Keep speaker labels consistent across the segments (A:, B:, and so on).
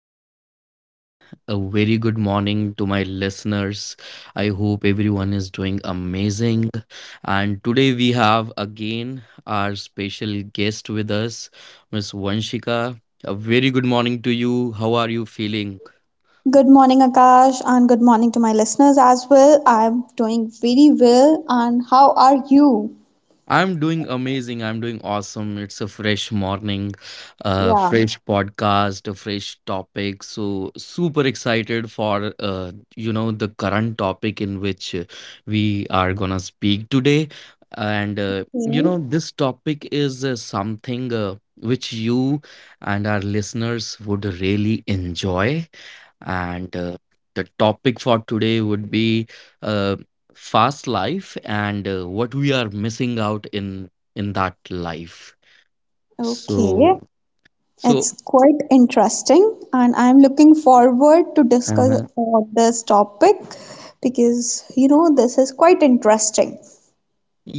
A: back to the podcast. A very good morning to my listeners. I hope everyone is doing amazing. And today we have again our special guest with us, Miss Vanshika. A very good morning to you. How are you feeling?
B: Good morning, Akash, and good morning to my listeners as well. I'm doing very well, and how are you?
A: I'm doing amazing. I'm doing awesome. It's a fresh morning,
B: Yeah.
A: fresh podcast, a fresh topic. So super excited for the current topic in which we are gonna speak today. And
B: Okay.
A: this topic is something which you and our listeners would really enjoy and The topic for today would be uh, fast life and what we are missing out in that life.
B: Okay,
A: So
B: it's
A: so
B: quite interesting, and I'm looking forward to
A: uh-huh.
B: discuss this topic because you know this is quite interesting.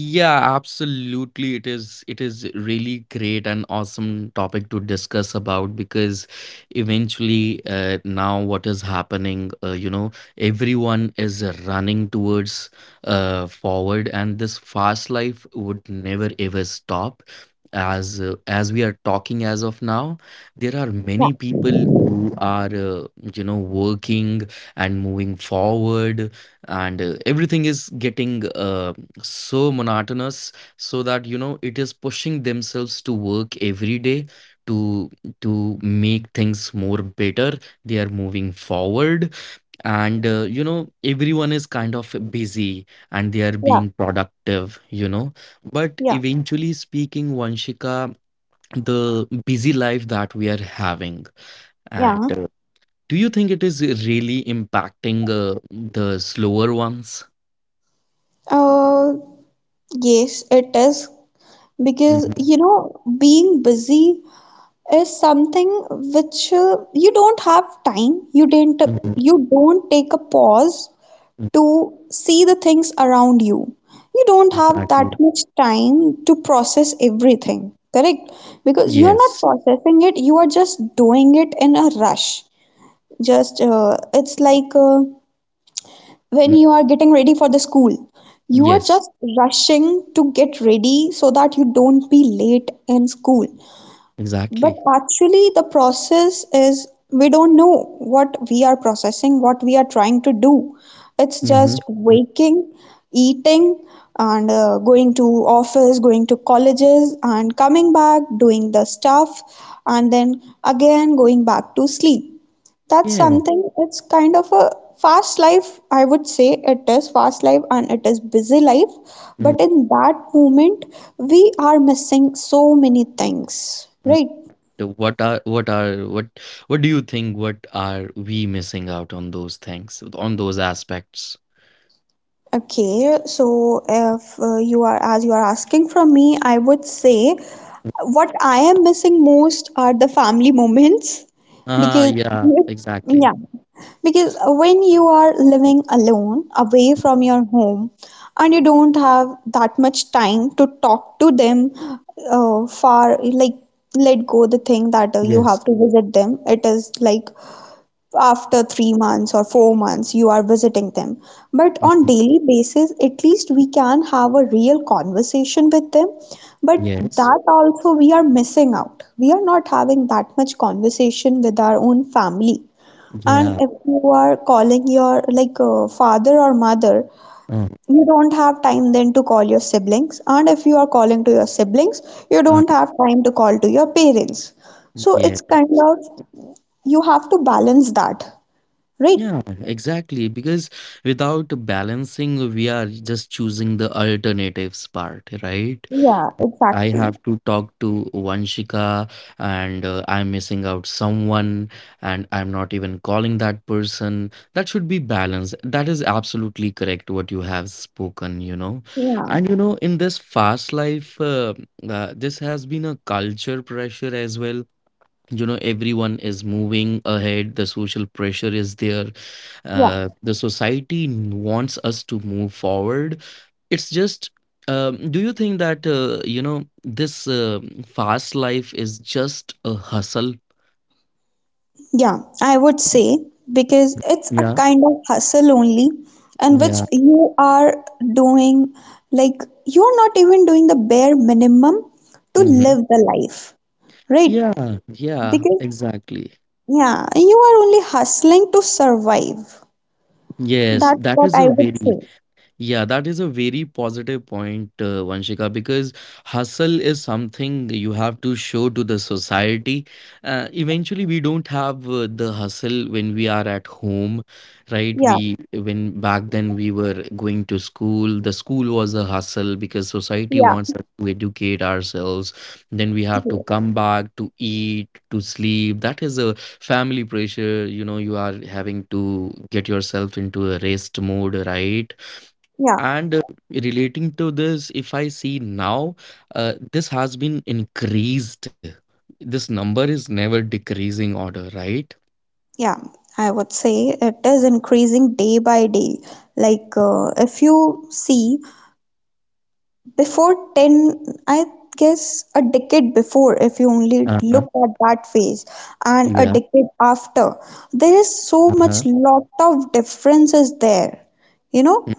A: Yeah, absolutely. It is really great and awesome topic to discuss about, because eventually now what is happening, everyone is running towards forward, and this fast life would never ever stop. As we are talking as of now, there are many
B: Yeah,
A: people who are working and moving forward, and everything is getting so monotonous, so that you know it is pushing themselves to work every day to to make things more better. They are moving forward, and you know everyone is kind of busy and they are
B: yeah,
A: being productive, you know, but
B: Yeah,
A: eventually speaking, Vanshika, the busy life that we are having,
B: yeah.
A: and do you think it is really impacting the slower ones?
B: Uh, yes, it is because you
A: Mhm,
B: know being busy is something which you don't have time
A: mhm,
B: you don't take a pause
A: mhm,
B: to see the things around you. You don't have that
A: exactly.
B: much time to process everything, correct? Because you're not
A: Yes.
B: processing it, you are just doing it in a rush. Just uh, it's like uh, when you
A: Mm,
B: are getting ready for the school, you are just
A: Yes.
B: rushing to get ready so that you don't be late in school. But
A: Exactly.
B: actually, the process is we don't know what we are processing, what we are trying to do. It's just
A: Mm-hmm. Mm,
B: waking, eating, and going to office, going to colleges, and coming back, doing the stuff, and then again going back to sleep. That's
A: Yeah.
B: something, it's kind of a fast life, I would say. It is fast life and it is busy life. But
A: Mm-hmm.
B: in that moment, we are missing so many things, right?
A: What are what are what do you think? What are we missing out on those things on those aspects?
B: Okay, so if you are, as you are asking from me, I would say what I am missing most are the family moments because,
A: Ah, yeah.
B: yeah,
A: Exactly.
B: because when you are living alone, away from your home, and you don't have that much time to talk to them, far like let go the thing that you have to
A: Yes.
B: visit them. It is like after 3 months or 4 months you are visiting them, but on
A: Mhm.
B: daily basis at least we can have a real conversation with them. But that
A: Yes.
B: also we are missing out. We are not having that much conversation with our own family. And if
A: Yeah.
B: you are calling your like father or mother,
A: Uh,
B: you don't have time then to call your siblings, and if you are calling to your siblings, you don't
A: uh,
B: have time to call to your parents. So it's
A: yeah.
B: kind of, you have to balance that, right?
A: Yeah. Exactly. Because without balancing, we are just choosing the alternatives part, right?
B: Yeah,
A: I
B: exactly.
A: have to talk to Vanshika and I'm missing out someone and I'm not even calling that person. That should be balanced. That is absolutely correct what you have spoken, you know.
B: Yeah,
A: And you know, in this fast life, this has been a culture pressure as well. You know, everyone is moving ahead, the social pressure is there,
B: yeah.
A: the society wants us to move forward. It's just, do you think that this fast life is just a hustle?
B: Yeah, I would say, because it's a
A: Yeah,
B: kind of hustle only, and which
A: yeah,
B: you are doing, like, you're not even doing the bare minimum to live
A: mhm.
B: the life, right?
A: Yeah, yeah,
B: Because,
A: exactly.
B: yeah, you are only hustling to survive.
A: Yes,
B: That's what
A: that
B: I
A: is a
B: would say.
A: very... Yeah, that is a very positive point, Vanshika, because hustle is something you have to show to the society. Eventually, we don't have the hustle when we are at home,
B: Yeah,
A: right? We when back then we were going to school, the school was a hustle because
B: yeah,
A: society wants us to educate ourselves. Then we have
B: yeah,
A: to come back to eat, to sleep. That is a family pressure. You know, you are having to get yourself into a rest mode, right?
B: yeah.
A: And relating to this, if I see now, this has been increased. This number is never decreasing order, right?
B: Yeah. I would say it is increasing day by day. Like, if you see, before 10, I guess a decade before, if you only
A: Uh-huh.
B: look at that phase, and a
A: Yeah.
B: decade after, there is so
A: Uh-huh.
B: much lot of differences there. You
A: Mm,
B: know,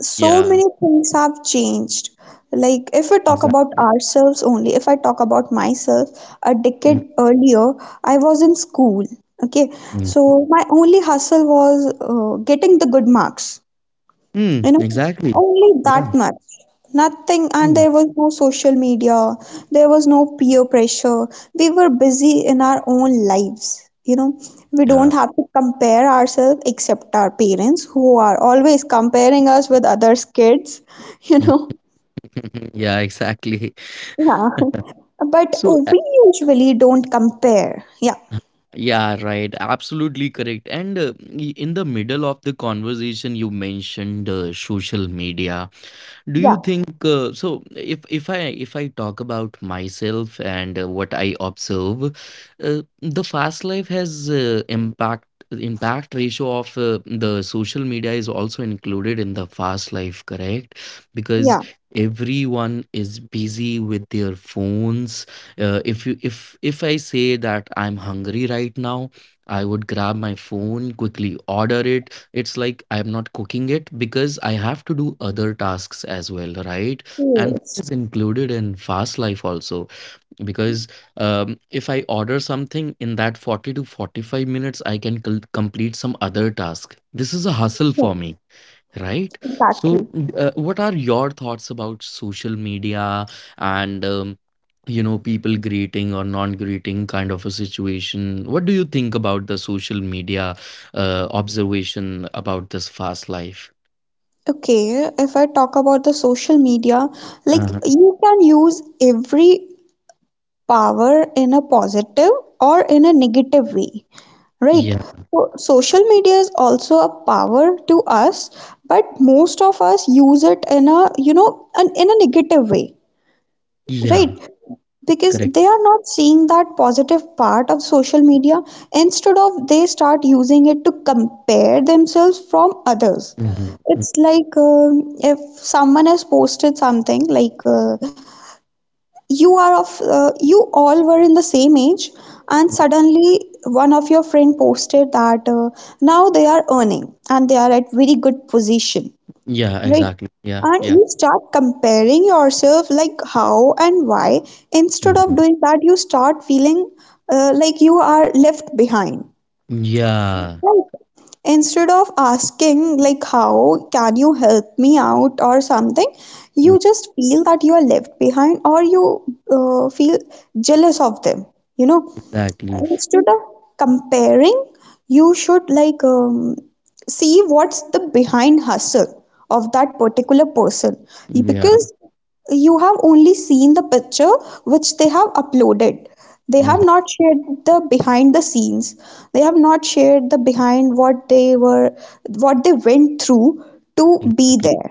B: so
A: Yeah.
B: many things have changed. Like, if we talk
A: Exactly.
B: about ourselves only, if I talk about myself, a decade earlier, I was in school. Okay,
A: Mm,
B: so my only hustle was getting the good marks, you know,
A: Exactly.
B: only
A: Yeah.
B: that much. Nothing,
A: Mm.
B: and there was no social media, there was no peer pressure. We were busy in our own lives. You know, we
A: Yeah.
B: don't have to compare ourselves except our parents who are always comparing us with others' kids, you know.
A: Mm. Yeah, exactly.
B: Yeah. But
A: So,
B: we usually don't compare. Yeah.
A: yeah, right, absolutely correct. And in the middle of the conversation, you mentioned social media. Do you
B: Yeah.
A: think if I if I talk about myself and what I observe, the fast life has impact ratio of the social media is also included in the fast life, correct?
B: Yeah.
A: Because everyone is busy with their phones. Uh, if you if if i say that I'm hungry right now, I would grab my phone, quickly order it. It's like I'm not cooking it because I have to do other tasks as well, right? And
B: Yes.
A: that is included in fast life also, because if I order something, in that 40 to 45 minutes, I can complete some other task. This is a hustle
B: Yeah,
A: for me. Right.
B: exactly.
A: So, what are your thoughts about social media and, you know, people greeting or non-greeting kind of a situation? What do you think about the social media observation about this fast life?
B: Okay, if I talk about the social media, like
A: Uh,
B: you can use every power in a positive or in a negative way, right?
A: yeah.
B: So, social media is also a power to us, but most of us use it in a, you know, in a negative way.
A: Yeah.
B: Right, because
A: Correct.
B: they are not seeing that positive part of social media. Instead of, they start using it to compare themselves from others.
A: Mhm.
B: It's like if someone has posted something like you are of you all were in the same age, and suddenly one of your friend posted that now they are earning and they are at very good position.
A: Yeah.
B: Right.
A: Exactly. Yeah.
B: And
A: Yeah.
B: you start comparing yourself, like how and why. Instead of
A: Mhm.
B: doing that, you start feeling like you are left behind.
A: Yeah.
B: Right. Instead of asking, like, how can you help me out or something, you just feel that you are left behind or you feel jealous of them. You know,
A: Exactly.
B: instead of comparing you should like see what's the behind hustle of that particular person,
A: Yeah.
B: because you have only seen the picture which they have uploaded. They have not shared the behind the scenes. They have not shared the behind what they were, what they went through to be
A: Mhm.
B: there.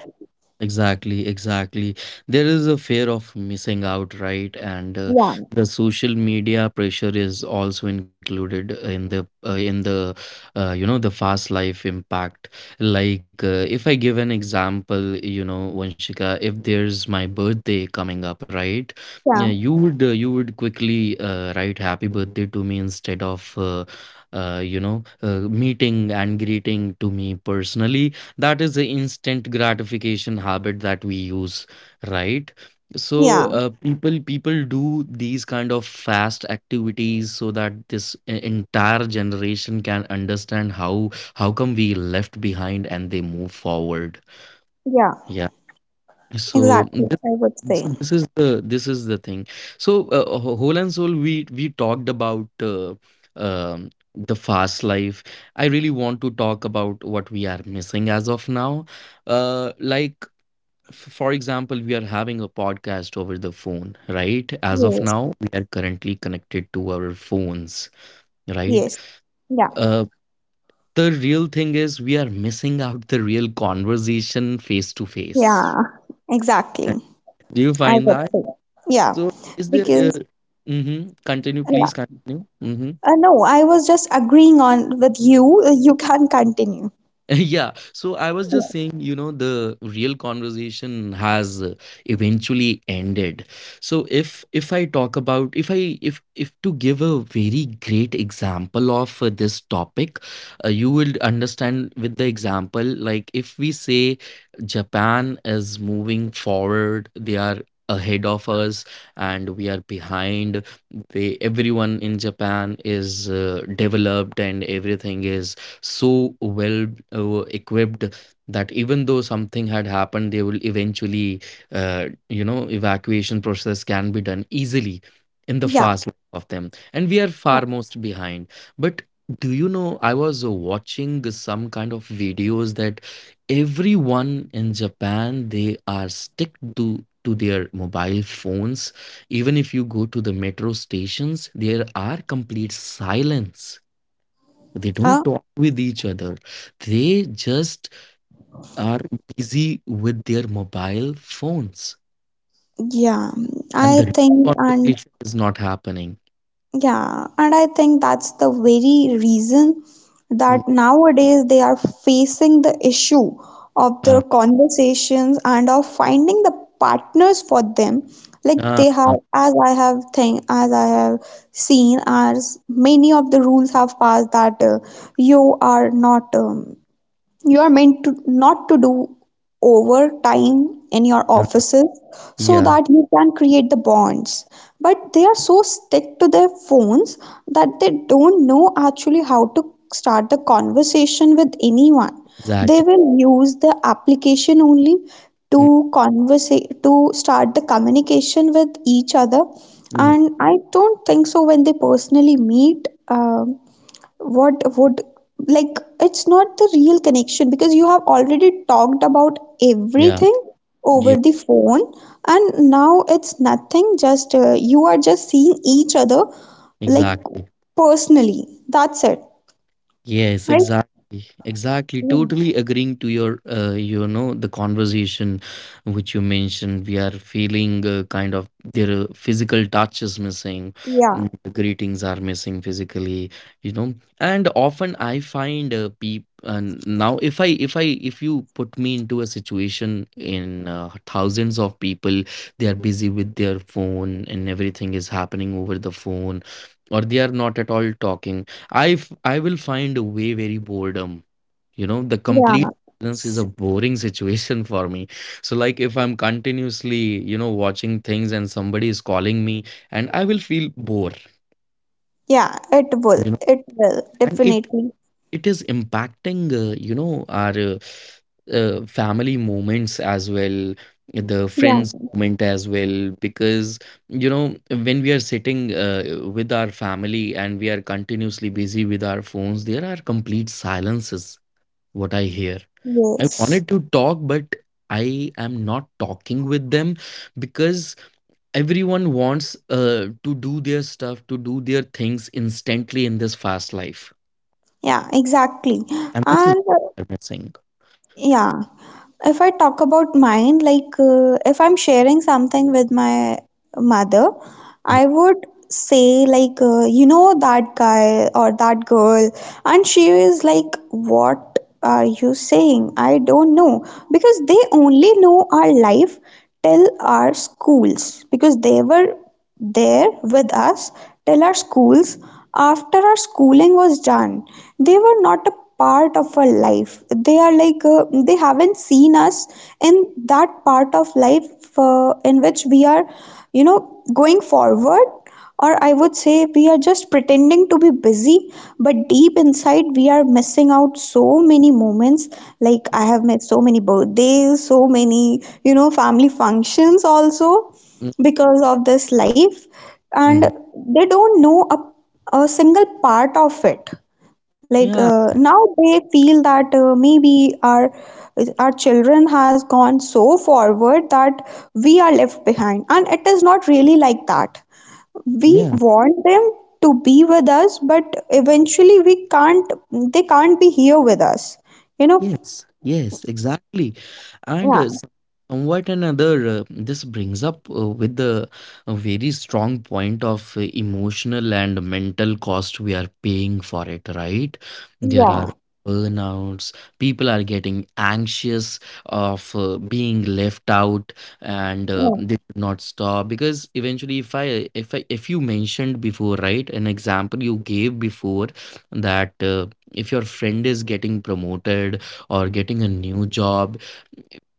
A: Exactly, exactly. There is a fear of missing out, right? And
B: yeah
A: the social media pressure is also included in the you know the fast life impact. Like if I give an example, you know, Vanshika, if there's my birthday coming up, right? Yeah,
B: yeah
A: you would quickly write happy birthday to me instead of you know meeting and greeting to me personally. That is the instant gratification habit that we use, right? So
B: yeah
A: people do these kind of fast activities so that this entire generation can understand how come we left behind and they move forward.
B: yeah
A: Yeah, so this,
B: exactly, I would
A: so
B: say.
A: this is the, this is the thing. So whole and soul we talked about the fast life. I really want to talk about what we are missing as of now. Like, for example, we are having a podcast over the phone, right? As of
B: yes
A: now, we are currently connected to our phones, right?
B: yes Yeah.
A: uh, the real thing is we are missing out the real conversation face to face.
B: Yeah, exactly.
A: Do you
B: I
A: find
B: would
A: that?
B: say. Yeah,
A: So is there,
B: because
A: mhm, continue,
B: yeah.
A: please continue. Mhm.
B: No, I was just agreeing on with you. You can continue.
A: Yeah. So I was just saying, you know, the real conversation has eventually ended. So if I talk about, if I if to give a very great example of this topic, you will understand with the example. Like, if we say Japan is moving forward, they are ahead of us and we are behind. They, everyone in Japan is developed and everything is so well equipped that even though something had happened, they will eventually, you know, evacuation process can be done easily in the
B: Yeah,
A: fast life of them, and we are
B: yeah.
A: far most behind. But do you know, I was watching some kind of videos that everyone in Japan, they are stick to their mobile phones. Even if you go to the metro stations, there are complete silence. They
B: Uh,
A: don't talk with each other, they just are busy with their mobile phones,
B: yeah, I
A: and the
B: think,
A: real
B: and
A: conversation is not happening.
B: yeah, and I think that's the very reason that
A: Mm,
B: nowadays they are facing the issue of the
A: uh,
B: conversations and of finding the partners for them. Like they have,
A: uh,
B: as I have seen, as many of the rules have passed that you are not you are meant to not to do overtime in your
A: uh,
B: offices so
A: yeah,
B: that you can create the bonds. But they are so stick to their phones that they don't know actually how to start the conversation with anyone. They
A: exactly.
B: will use the application only
A: Mm,
B: to converse, to start the communication with each other.
A: mm,
B: And I don't think so when they personally meet what would, like, it's not the real connection because you have already talked about
A: yeah,
B: everything over
A: yeah,
B: the phone, and now it's nothing, just you are just seeing each other, like
A: exactly.
B: personally, that's it,
A: Yes,
B: right?
A: exactly. Exactly.
B: Mm.
A: Totally agreeing to your, you know, the conversation which you mentioned. We are feeling kind of their physical touch is missing.
B: Yeah,
A: Mm, the greetings are missing physically, you know. And often I find people. And now, if I, if I, if you put me into a situation in thousands of people, they are busy with their phone and everything is happening over the phone, or they are not at all talking, I I will find a way very boredom. You know, the
B: yeah.
A: complete silence is
B: S-
A: a boring situation for me. So like if I'm continuously, you know, watching things and somebody is calling me and I will feel bored,
B: yeah, it will,
A: you know.
B: it will
A: And
B: definitely.
A: it is impacting you know our family moments as well, the
B: Yeah.
A: friends moment as well, because you know when we are sitting with our family and we are continuously busy with our phones, there are complete silences, what I hear. I
B: Yes.
A: wanted to talk, but I am not talking with them because everyone wants to do their stuff, to do their things instantly in this fast life.
B: Yeah, exactly.
A: And this is what
B: And
A: I'm missing.
B: yeah. If I talk about mine, like if I'm sharing something with my mother, I would say, like, you know, that guy or that girl. And she is like, what are you saying? I don't know. Because they only know our life till our schools, because they were there with us till our schools. After our schooling was done, they were not a part of our life. They are like they haven't seen us in that part of life in which we are, you know, going forward. Or I would say we are just pretending to be busy, but deep inside we are missing out so many moments. Like I have met so many birthdays, so many, you know, family functions also, because of this life. And
A: Mhm.
B: they don't know a single part of it. Like
A: Yeah.
B: now they feel that maybe our children has gone so forward that we are left behind, and it is not really like that. We
A: Yeah.
B: want them to be with us, but eventually we can't, they can't be here with us, you know.
A: Yes, yes, exactly. And
B: yeah
A: somewhat another, this brings up with the a very strong point of emotional and mental cost we are paying for it, right? There are
B: yeah
A: burnouts, people are getting anxious of being left out, and
B: yeah
A: they should not stop because eventually, if you mentioned before, right, an example you gave before that if your friend is getting promoted or getting a new job,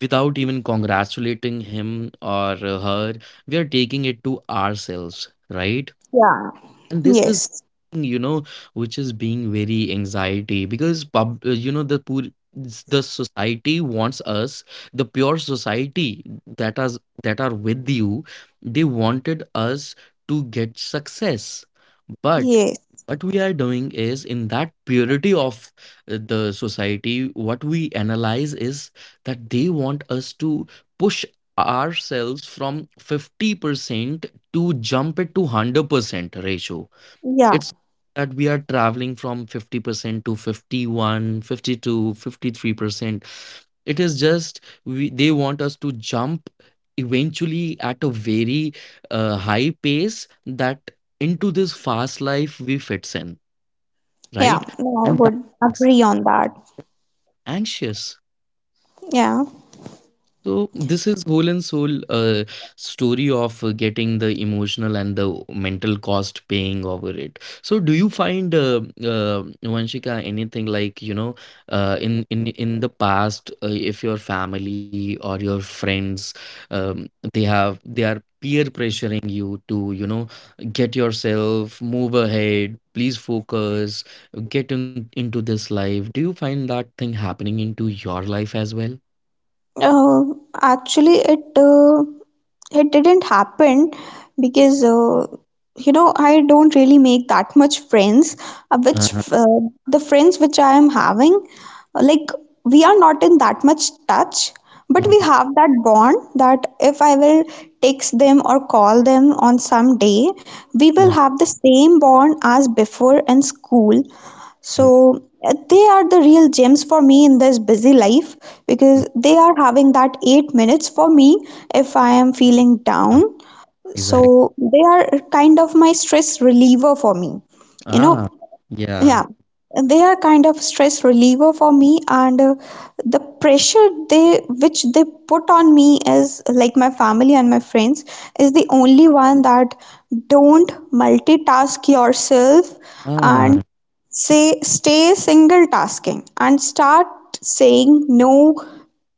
A: without even congratulating him or her, we are taking it to ourselves, right?
B: yeah
A: And this is
B: yes
A: something, you know, which is being very anxiety, because pub you know, the poor, the society wants us, the pure society, that are with you, they wanted us to get success, but
B: yes
A: what we are doing is in that purity of the society, what we analyze is that they want us to push ourselves from 50% to jump it to 100% ratio.
B: Yeah.
A: It's that we are traveling from 50% to 51, 52, 53%. It is just we, they want us to jump eventually at a very high pace that into this fast life we fits in,
B: Yeah,
A: right?
B: yeah, I
A: And that
B: would
A: makes
B: agree on that.
A: anxious.
B: Yeah.
A: So this is whole and soul story of getting the emotional and the mental cost paying over it. So do you find Vanshika anything like in in the past if your family or your friends, um, they are peer pressuring you to get yourself, move ahead, please focus, get in, into this life. Do you find that thing happening into your life as well?
B: Uh, actually, it didn't happen because you know, I don't really make that much friends. Which
A: Uh-huh.
B: The friends which I am having, like, we are not in that much touch, but we have that bond that if I will text them or call them on some day, we will
A: Mm.
B: have the same bond as before in school.
A: Mm.
B: So they are the real gems for me in this busy life,
A: Mm.
B: because they are having that 8 minutes for me if I am feeling
A: Ah,
B: down.
A: exactly.
B: So they are kind of my stress reliever for me. You know,
A: Ah, yeah.
B: yeah. They are kind of stress reliever for me, and the pressure they which they put on me is like, my family and my friends is the only one that, don't multitask yourself
A: Ah.
B: and say, stay single tasking and start saying no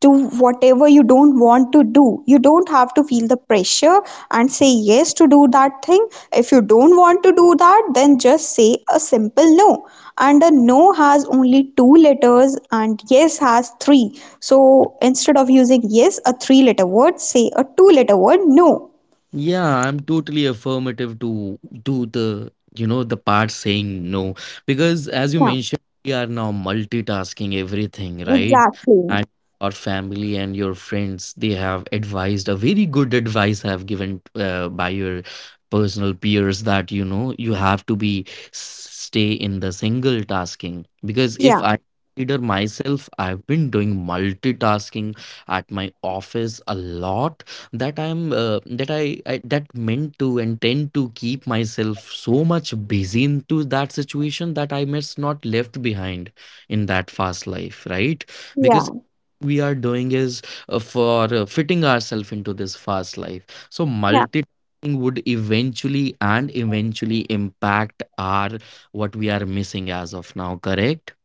B: to whatever you don't want to do. You don't have to feel the pressure and say yes to do that thing. If you don't want to do that, then just say a simple no. And a no has only two letters and yes has three. So instead of using yes, a three letter word, say a two letter word, no.
A: Yeah, I'm totally affirmative to do the, you know, the part saying no. Because as you
B: Yeah,
A: mentioned, we are now multitasking everything, right?
B: exactly.
A: And your family and your friends, they have advised, a very good advice have given by your personal peers that, you know, you have to be stay in the single tasking. Because if
B: Yeah,
A: I consider myself, I've been doing multitasking at my office a lot, that I that meant to and tend to keep myself so much busy into that situation, that I must not left behind in that fast life, right? Because
B: yeah,
A: we are doing is for fitting ourselves into this fast life, so
B: yeah.
A: multitasking would eventually impact our what we are missing as of now, correct?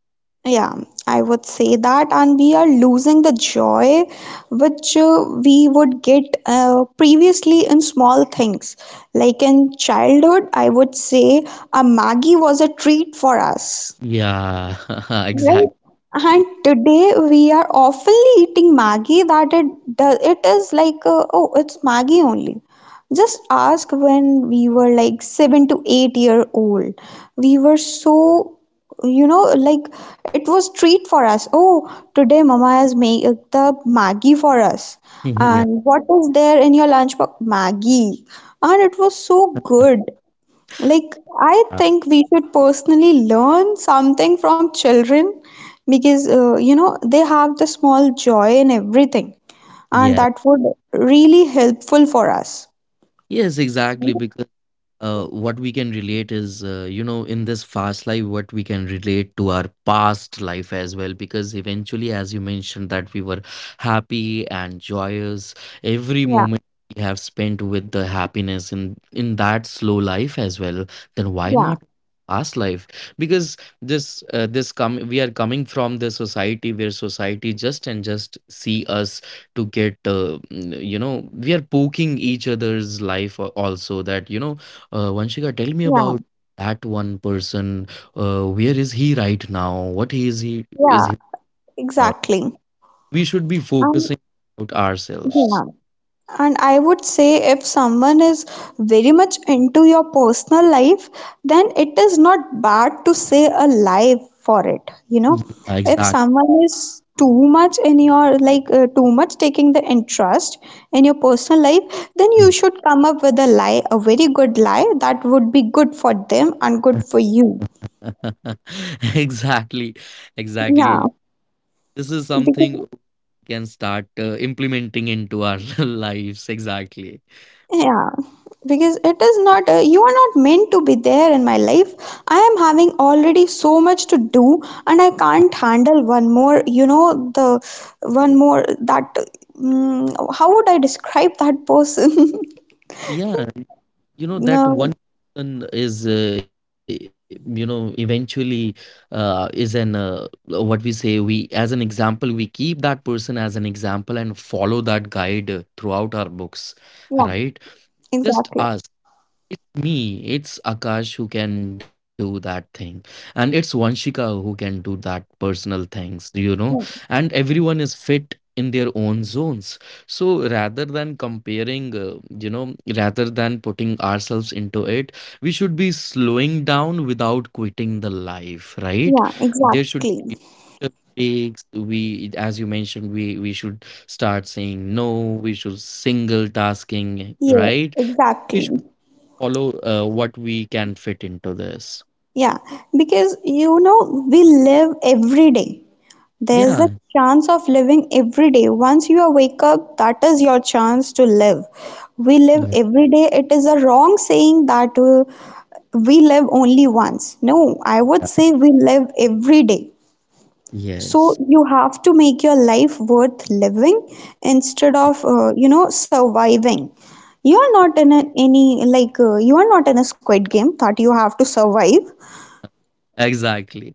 B: Yeah, I would say that, and we are losing the joy which we would get previously in small things. Like in childhood, I would say a Maggie was a treat for us.
A: Yeah.
B: Right.
A: Exactly.
B: And today we are oftenly eating Maggi that it does it is like oh it's Maggi only. Just ask when we were like 7 to 8 year old. We were so, you know, like it was treat for us. Oh, today mama has made the Maggi for us.
A: Yeah.
B: And what is there in your lunch box? Maggi. And it was so good. Like, I think we should personally learn something from children because, you know, they have the small joy in everything, and
A: Yeah.
B: that would really helpful for us.
A: Yes, exactly. Because what we can relate is, you know, in this fast life, what we can relate to our past life as well. Because eventually, as you mentioned, that we were happy and joyous every
B: Yeah,
A: moment, we have spent with the happiness in that slow life as well, then why
B: yeah,
A: not past life? Because this this come we are coming from the society where society just and just see us to get, you know, we are poking each other's life, al- also that, you know, Vanshika, tell me
B: yeah,
A: about that one person. Where is he right now? What he is, he is
B: yeah,
A: he now?
B: exactly.
A: We should be
B: And
A: focusing about ourselves.
B: yeah. And I would say if someone is very much into your personal life, then it is not bad to say a lie for it, you know.
A: Yeah,
B: If
A: exactly.
B: someone is too much in your like, too much taking the interest in your personal life, then you should come up with a lie, a very good lie that would be good for them and good for you.
A: Exactly. Exactly.
B: Yeah,
A: This is something we
B: because
A: can start implementing into our lives. Exactly.
B: yeah, because it is not, you are not meant to be there in my life. I am having already so much to do, and I can't handle one more, you know, the one more that, mm, how would I describe that person?
A: Yeah. You know that one
B: No,
A: person is, you know, eventually, is an what we say, we as an example, we keep that person as an example and follow that guide throughout our books, right?
B: yeah,
A: Just us
B: exactly.
A: me. It's Akash who can do that thing, and it's Vanshika who can do that personal things, you know. And
B: Yeah,
A: everyone is fit in their own zones. So rather than comparing, you know, rather than putting ourselves into it, we should be slowing down without quitting the life, right? There
B: yeah,
A: should be
B: exactly.
A: takes. We, as you mentioned, we should start saying no, we should single tasking, right?
B: Yeah,
A: We should
B: exactly.
A: follow what we can fit into this.
B: Yeah, because you know, we live every day.
A: Yeah.
B: There's the chance of living every day. Once you wake up, that is your chance to live. We
A: Yeah.
B: live every day. It is a wrong saying that we live only once. No, I would say we live every day.
A: Yes.
B: So you have to make your life worth living instead of, you know, surviving. You are not in a, any, like, you are not in a squid game that you have to survive.
A: Exactly.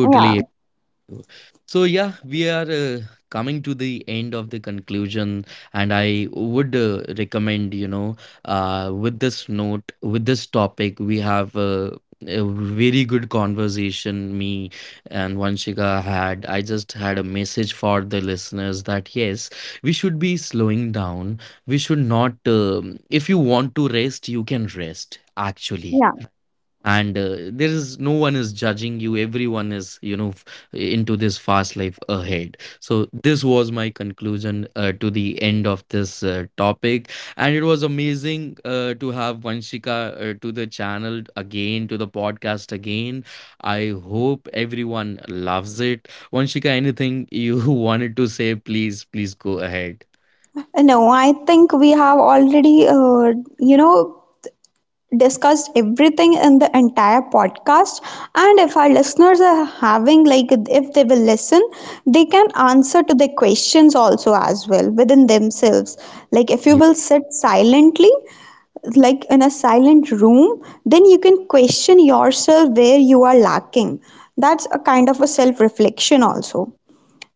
B: Yeah,
A: So so yeah, we are coming to the end of the conclusion, and I would recommend, you know, with this note, with this topic, we have a very good conversation me and Vanshika had. I just had a message for the listeners that yes, we should be slowing down. We should not. If you want to rest, you can rest. Actually,
B: yeah.
A: and there is no one is judging you, everyone is, you know, f- into this fast life ahead. So this was my conclusion to the end of this topic, and it was amazing to have Vanshika to the channel again, to the podcast again. I hope everyone loves it. Vanshika, anything you wanted to say, please please go ahead.
B: No, I think we have already, you know, discussed everything in the entire podcast. And if our listeners are having, like, if they will listen, they can answer to the questions also as well within themselves. Like if
A: Yeah,
B: you will sit silently, like in a silent room, then you can question yourself where you are lacking. That's a kind of a self reflection also.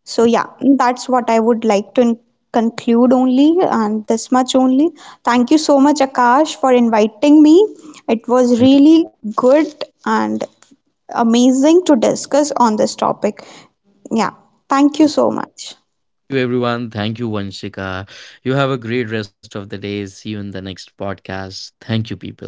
B: So yeah, that's what I would like to conclude only, and this much only. Thank you so much, Akash, for inviting me. It was really good and amazing to discuss on this topic. Yeah, thank you so much.
A: you, everyone. Thank you, Vanshika. You have a great rest of the day. See you in the next podcast. Thank you, people.